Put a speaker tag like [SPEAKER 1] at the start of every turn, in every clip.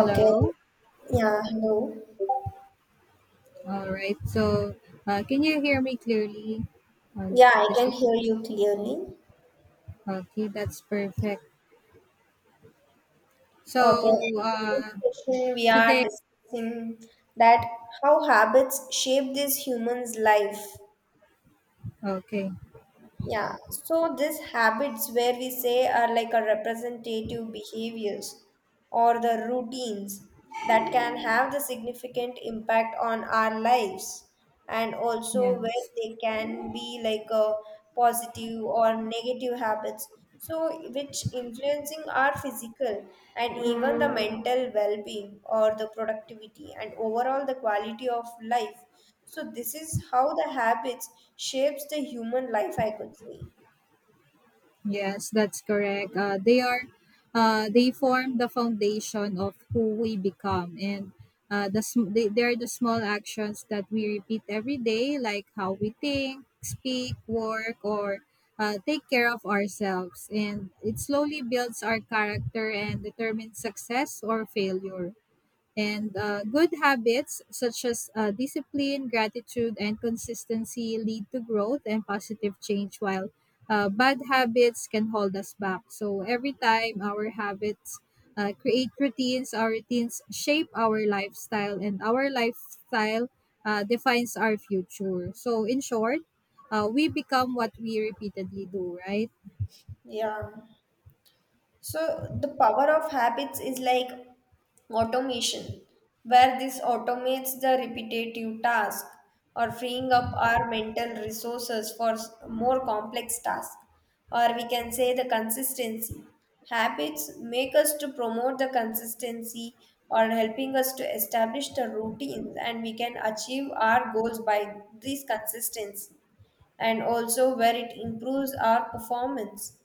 [SPEAKER 1] Okay. Yeah, hello.
[SPEAKER 2] All right. Can you hear me clearly? Uh,
[SPEAKER 1] Yeah, I
[SPEAKER 2] this
[SPEAKER 1] can hear you clearly.
[SPEAKER 2] okay. That's perfect.
[SPEAKER 1] Okay.
[SPEAKER 2] So,
[SPEAKER 1] In this session, we are
[SPEAKER 2] today.
[SPEAKER 1] discussing that how habits shape this human's life.
[SPEAKER 2] Okay.
[SPEAKER 1] Yeah. So these habits where we say are like a representative behaviors or the routines that can have the significant impact on our lives, and also where
[SPEAKER 2] Yes.
[SPEAKER 1] they can be like a positive or negative habits, so which influencing our physical and even the mental well-being or the productivity and overall the quality of life. So this is how the habits shapes the human life, I could say.
[SPEAKER 2] Yes, that's correct. They form the foundation of who we become, and they are the small actions that we repeat every day, like how we think, speak, work, or take care of ourselves, and it slowly builds our character and determines success or failure. And good habits such as discipline, gratitude, and consistency lead to growth and positive change, while bad habits can hold us back. So every time our habits create routines, our routines shape our lifestyle, and our lifestyle defines our future. In short, we become what we repeatedly do, right?
[SPEAKER 1] Yeah. So the power of habits is like automation, where this automates the repetitive task or freeing up our mental resources for more complex tasks. Or we can say the consistency. Habits make us to promote the consistency or helping us to establish the routines, and we can achieve our goals by this consistency, and also where it improves our performance.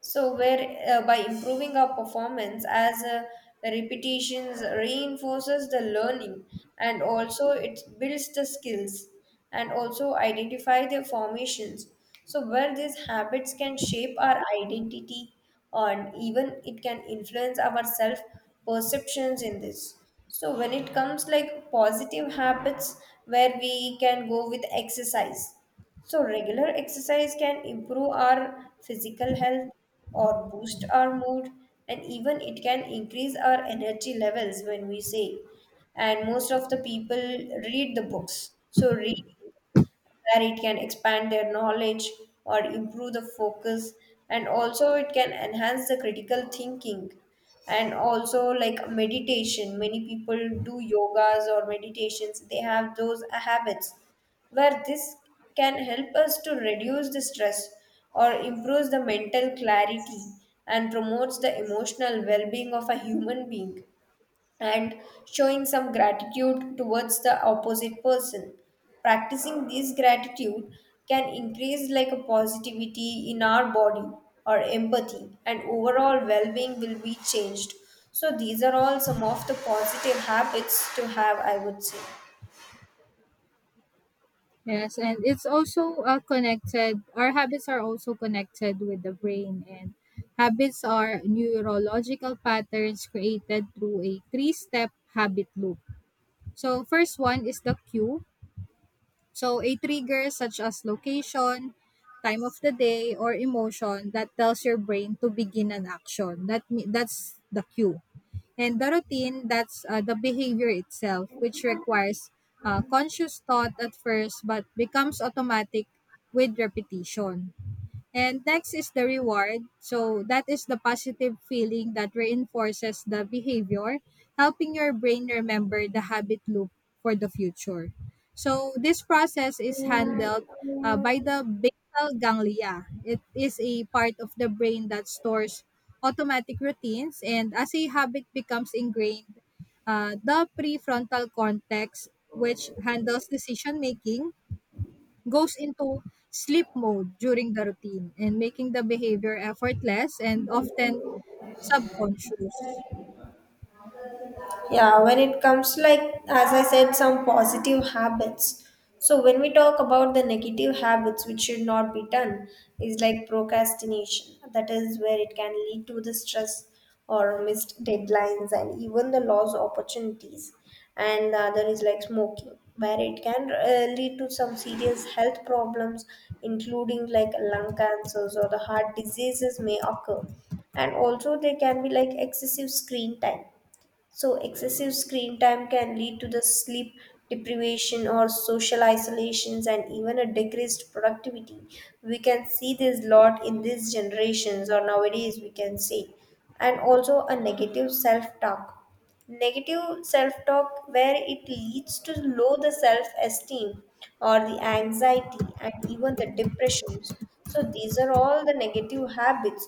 [SPEAKER 1] So, where by improving our performance as the repetitions reinforces the learning, and also it builds the skills, and also identify the formations. So, where these habits can shape our identity, and even it can influence our self perceptions in this. So, when it comes like positive habits, where we can go with exercise, so regular exercise can improve our physical health or boost our mood, and even it can increase our energy levels when we say. And most of the people read the books. So, read, where it can expand their knowledge or improve the focus, and also it can enhance the critical thinking. And also, like meditation, many people do yogas or meditations, they have those habits where this can help us to reduce the stress or improves the mental clarity and promotes the emotional well-being of a human being, and showing some gratitude towards the opposite person, practicing this gratitude, can increase like a positivity in our body or empathy, and overall well-being will be changed. So these are all some of the positive habits to have, I would say.
[SPEAKER 2] Yes, and it's also connected. Our habits are also connected with the brain, and habits are neurological patterns created through a three step habit loop. So, first one is the cue. So, a trigger such as location, time of the day, or emotion that tells your brain to begin an action. That's the cue. And the routine, that's the behavior itself, which requires conscious thought at first but becomes automatic with repetition. And next is the reward. So that is the positive feeling that reinforces the behavior, helping your brain remember the habit loop for the future. So this process is handled by the basal ganglia. It is a part of the brain that stores automatic routines, and as a habit becomes ingrained, the prefrontal cortex, which handles decision making, goes into sleep mode during the routine, and making the behavior effortless and often subconscious.
[SPEAKER 1] Yeah, when it comes like, as I said, some positive habits, so when we talk about the negative habits which should not be done, is like procrastination, that is where it can lead to the stress or missed deadlines and even the lost opportunities. And the other is like smoking, where it can lead to some serious health problems, including like lung cancers or the heart diseases may occur. And also there can be like excessive screen time. So excessive screen time can lead to the sleep deprivation or social isolations and even a decreased productivity. We can see this lot in these generations or nowadays, we can say. And also a negative self-talk. Negative self-talk, where it leads to low the self-esteem or the anxiety and even the depressions. So these are all the negative habits.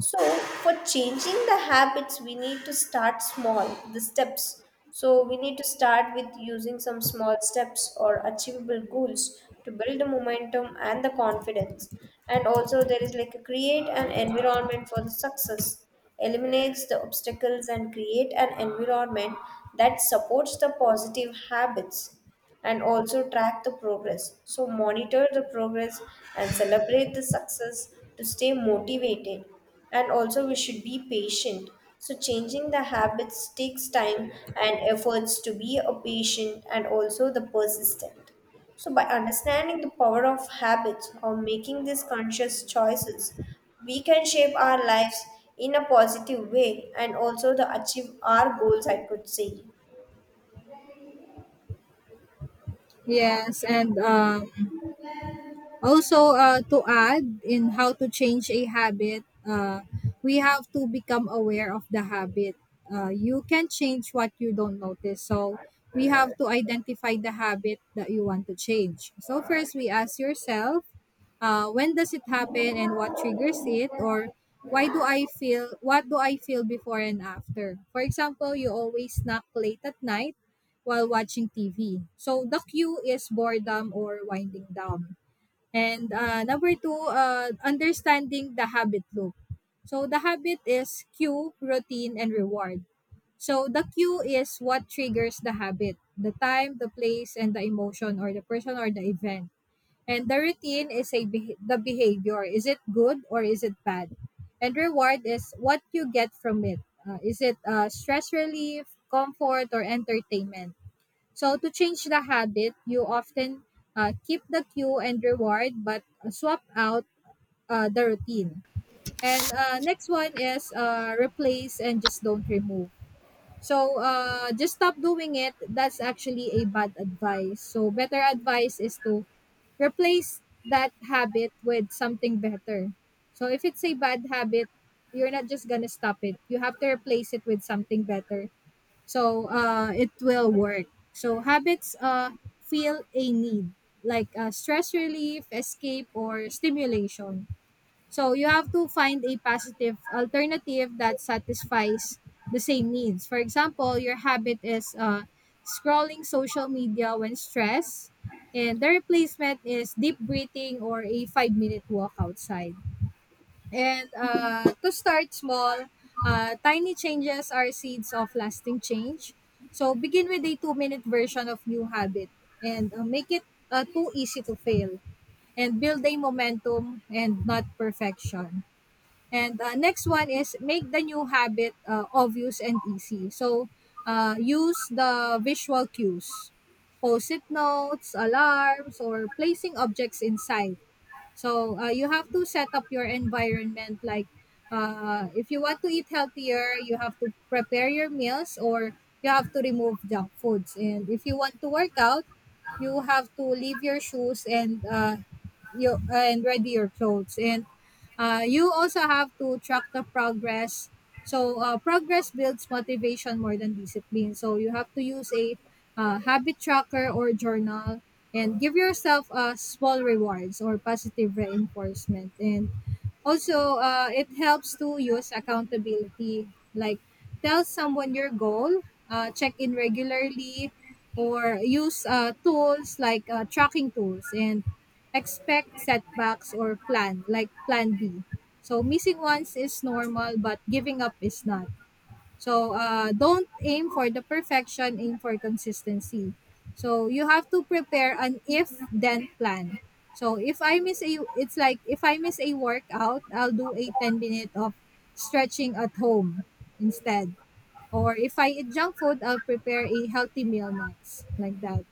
[SPEAKER 1] So, for changing the habits, we need to start small, the steps. So, we need to start with using some small steps or achievable goals to build the momentum and the confidence. And also, there is like a create an environment for the success, eliminates the obstacles, and create an environment that supports the positive habits, and also track the progress. So, monitor the progress and celebrate the success to stay motivated. And also, we should be patient. So, changing the habits takes time and efforts to be a patient and also the persistent. So, by understanding the power of habits or making these conscious choices, we can shape our lives in a positive way and also the achieve our goals, I could say.
[SPEAKER 2] Yes, and also, to add in how to change a habit, we have to become aware of the habit. You can change what you don't notice. So, we have to identify the habit that you want to change. So, first, we ask yourself, when does it happen and what triggers it? Or, why do I feel, what do I feel before and after? For example, you always snack late at night while watching TV. So, the cue is boredom or winding down. And number two, understanding the habit loop. So the habit is cue, routine, and reward. So the cue is what triggers the habit: the time, the place, and the emotion, or the person or the event. And the routine is a the behavior. Is it good or is it bad? And reward is what you get from it. Is it stress relief, comfort, or entertainment? So to change the habit, you often keep the cue and reward, but swap out the routine. And next one is, replace and just don't remove. So just stop doing it. That's actually a bad advice. So better advice is to replace that habit with something better. So if it's a bad habit, you're not just gonna stop it. You have to replace it with something better, so it will work. So habits feel a need, like stress relief, escape, or stimulation, so you have to find a positive alternative that satisfies the same needs. For example, your habit is scrolling social media when stressed, and the replacement is deep breathing or a 5 minute walk outside. And to start small, tiny changes are seeds of lasting change. So begin with a 2 minute version of new habit, and make it too easy to fail, and build a momentum and not perfection. And next one is make the new habit obvious and easy. So use the visual cues, post it notes, alarms, or placing objects inside. So you have to set up your environment. Like, if you want to eat healthier, you have to prepare your meals or you have to remove junk foods. And if you want to work out, you have to leave your shoes, and you and ready your clothes. And you also have to track the progress. So progress builds motivation more than discipline, so you have to use a habit tracker or journal, and give yourself small rewards or positive reinforcement. And also, it helps to use accountability, like tell someone your goal, check in regularly, or use tools like tracking tools. And expect setbacks, or plan, like plan b. So missing once is normal, but giving up is not. So don't aim for the perfection, aim for consistency. So you have to prepare an if then plan. So if I miss a it's like, if I miss a workout, I'll do a 10 minute of stretching at home instead, or if I eat junk food, I'll prepare a healthy meal next, like that.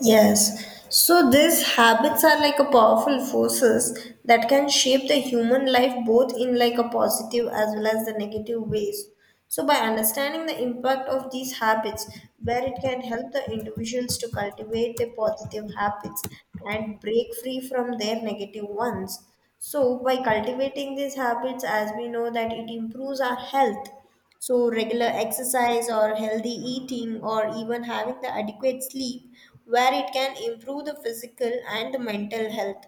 [SPEAKER 1] Yes. So these habits are like a powerful forces that can shape the human life both in like a positive as well as the negative ways. So by understanding the impact of these habits, where it can help the individuals to cultivate their positive habits and break free from their negative ones. So by cultivating these habits, as we know that it improves our health. So regular exercise or healthy eating or even having the adequate sleep, where it can improve the physical and the mental health.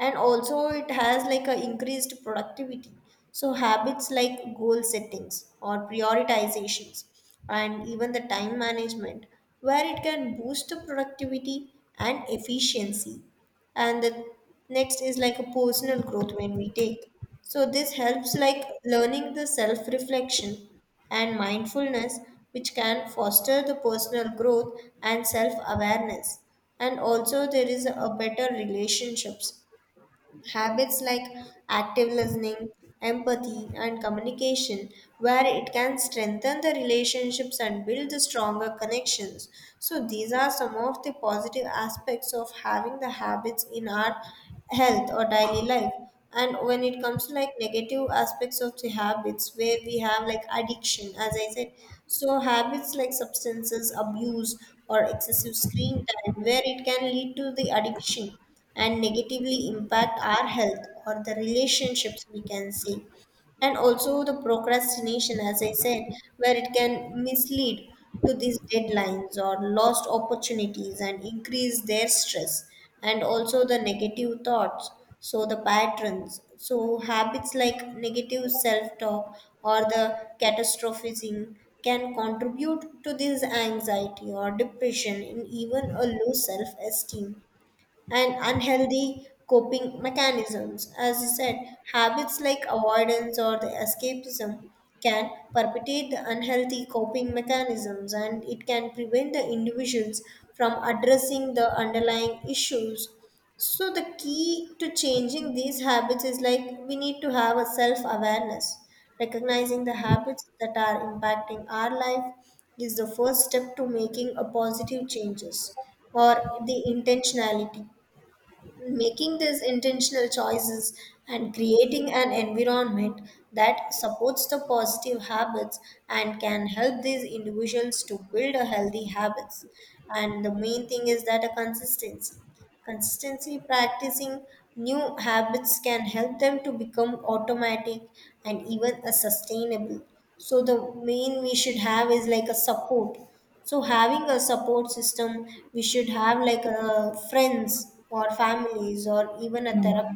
[SPEAKER 1] And also, it has like a increased productivity. So habits like goal settings or prioritizations and even the time management, where it can boost the productivity and efficiency. And the next is like a personal growth when we take. So this helps like learning the self reflection and mindfulness, which can foster the personal growth and self awareness. And also there is a better relationships. Habits like active listening, empathy, and communication, where it can strengthen the relationships and build the stronger connections. So, these are some of the positive aspects of having the habits in our health or daily life. And when it comes to like negative aspects of the habits, where we have like addiction, as I said, so habits like substances abuse or excessive screen time, where it can lead to the addiction and negatively impact our health or the relationships, we can see. And also the procrastination, as I said, where it can mislead to these deadlines or lost opportunities and increase their stress. And also the negative thoughts, so the patterns, so habits like negative self talk or the catastrophizing can contribute to this anxiety or depression and even a low self esteem and unhealthy coping mechanisms. As I said, habits like avoidance or the escapism can perpetuate the unhealthy coping mechanisms and it can prevent the individuals from addressing the underlying issues. So, the key to changing these habits is like we need to have a self awareness. Recognizing the habits that are impacting our life is the first step to making a positive changes, or the intentionality, making these intentional choices and creating an environment that supports the positive habits, and can help these individuals to build a healthy habits. And the main thing is that a consistency, consistency practicing new habits can help them to become automatic and even a sustainable. So the main we should have is like a support. So having a support system, we should have like friends or families or even a therapist,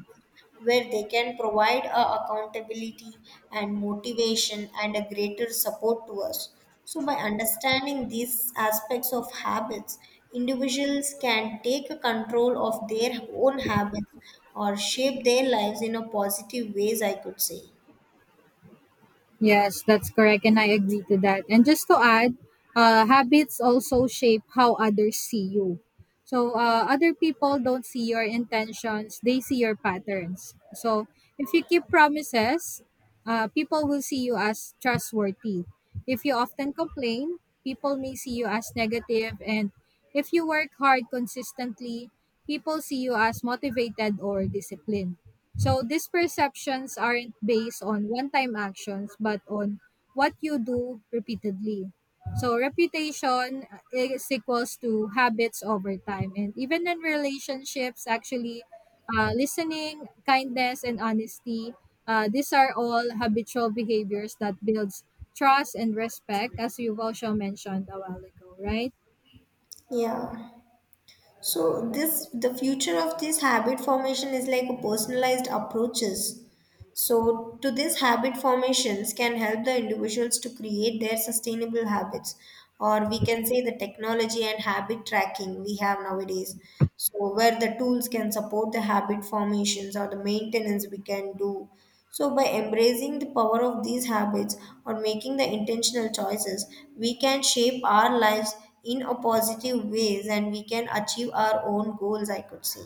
[SPEAKER 1] where they can provide a accountability and motivation and a greater support to us. So by understanding these aspects of habits, individuals can take a control of their own habits or shape their lives in a positive ways, I could say.
[SPEAKER 2] Yes, that's correct, and I agree to that. And just to add, habits also shape how others see you. So other people don't see your intentions; they see your patterns. So if you keep promises, people will see you as trustworthy. If you often complain, people may see you as negative, and if you work hard consistently, people see you as motivated or disciplined. So these perceptions aren't based on one time actions, but on what you do repeatedly. So reputation is equals to habits over time. And even in relationships, actually, listening, kindness, and honesty, these are all habitual behaviors that builds trust and respect, as you've also mentioned a while ago, right?
[SPEAKER 1] Yeah. So this the future of this habit formation is like a personalized approaches. So to this habit formations can help the individuals to create their sustainable habits, or we can say the technology and habit tracking we have nowadays. So where the tools can support the habit formations or the maintenance we can do. So, by embracing the power of these habits or making the intentional choices, we can shape our lives in a positive ways and we can achieve our own goals, I could say.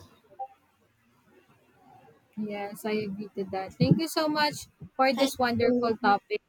[SPEAKER 2] Yes, I agree to that. Thank you so much for
[SPEAKER 1] Thank
[SPEAKER 2] this
[SPEAKER 1] you.
[SPEAKER 2] wonderful topic.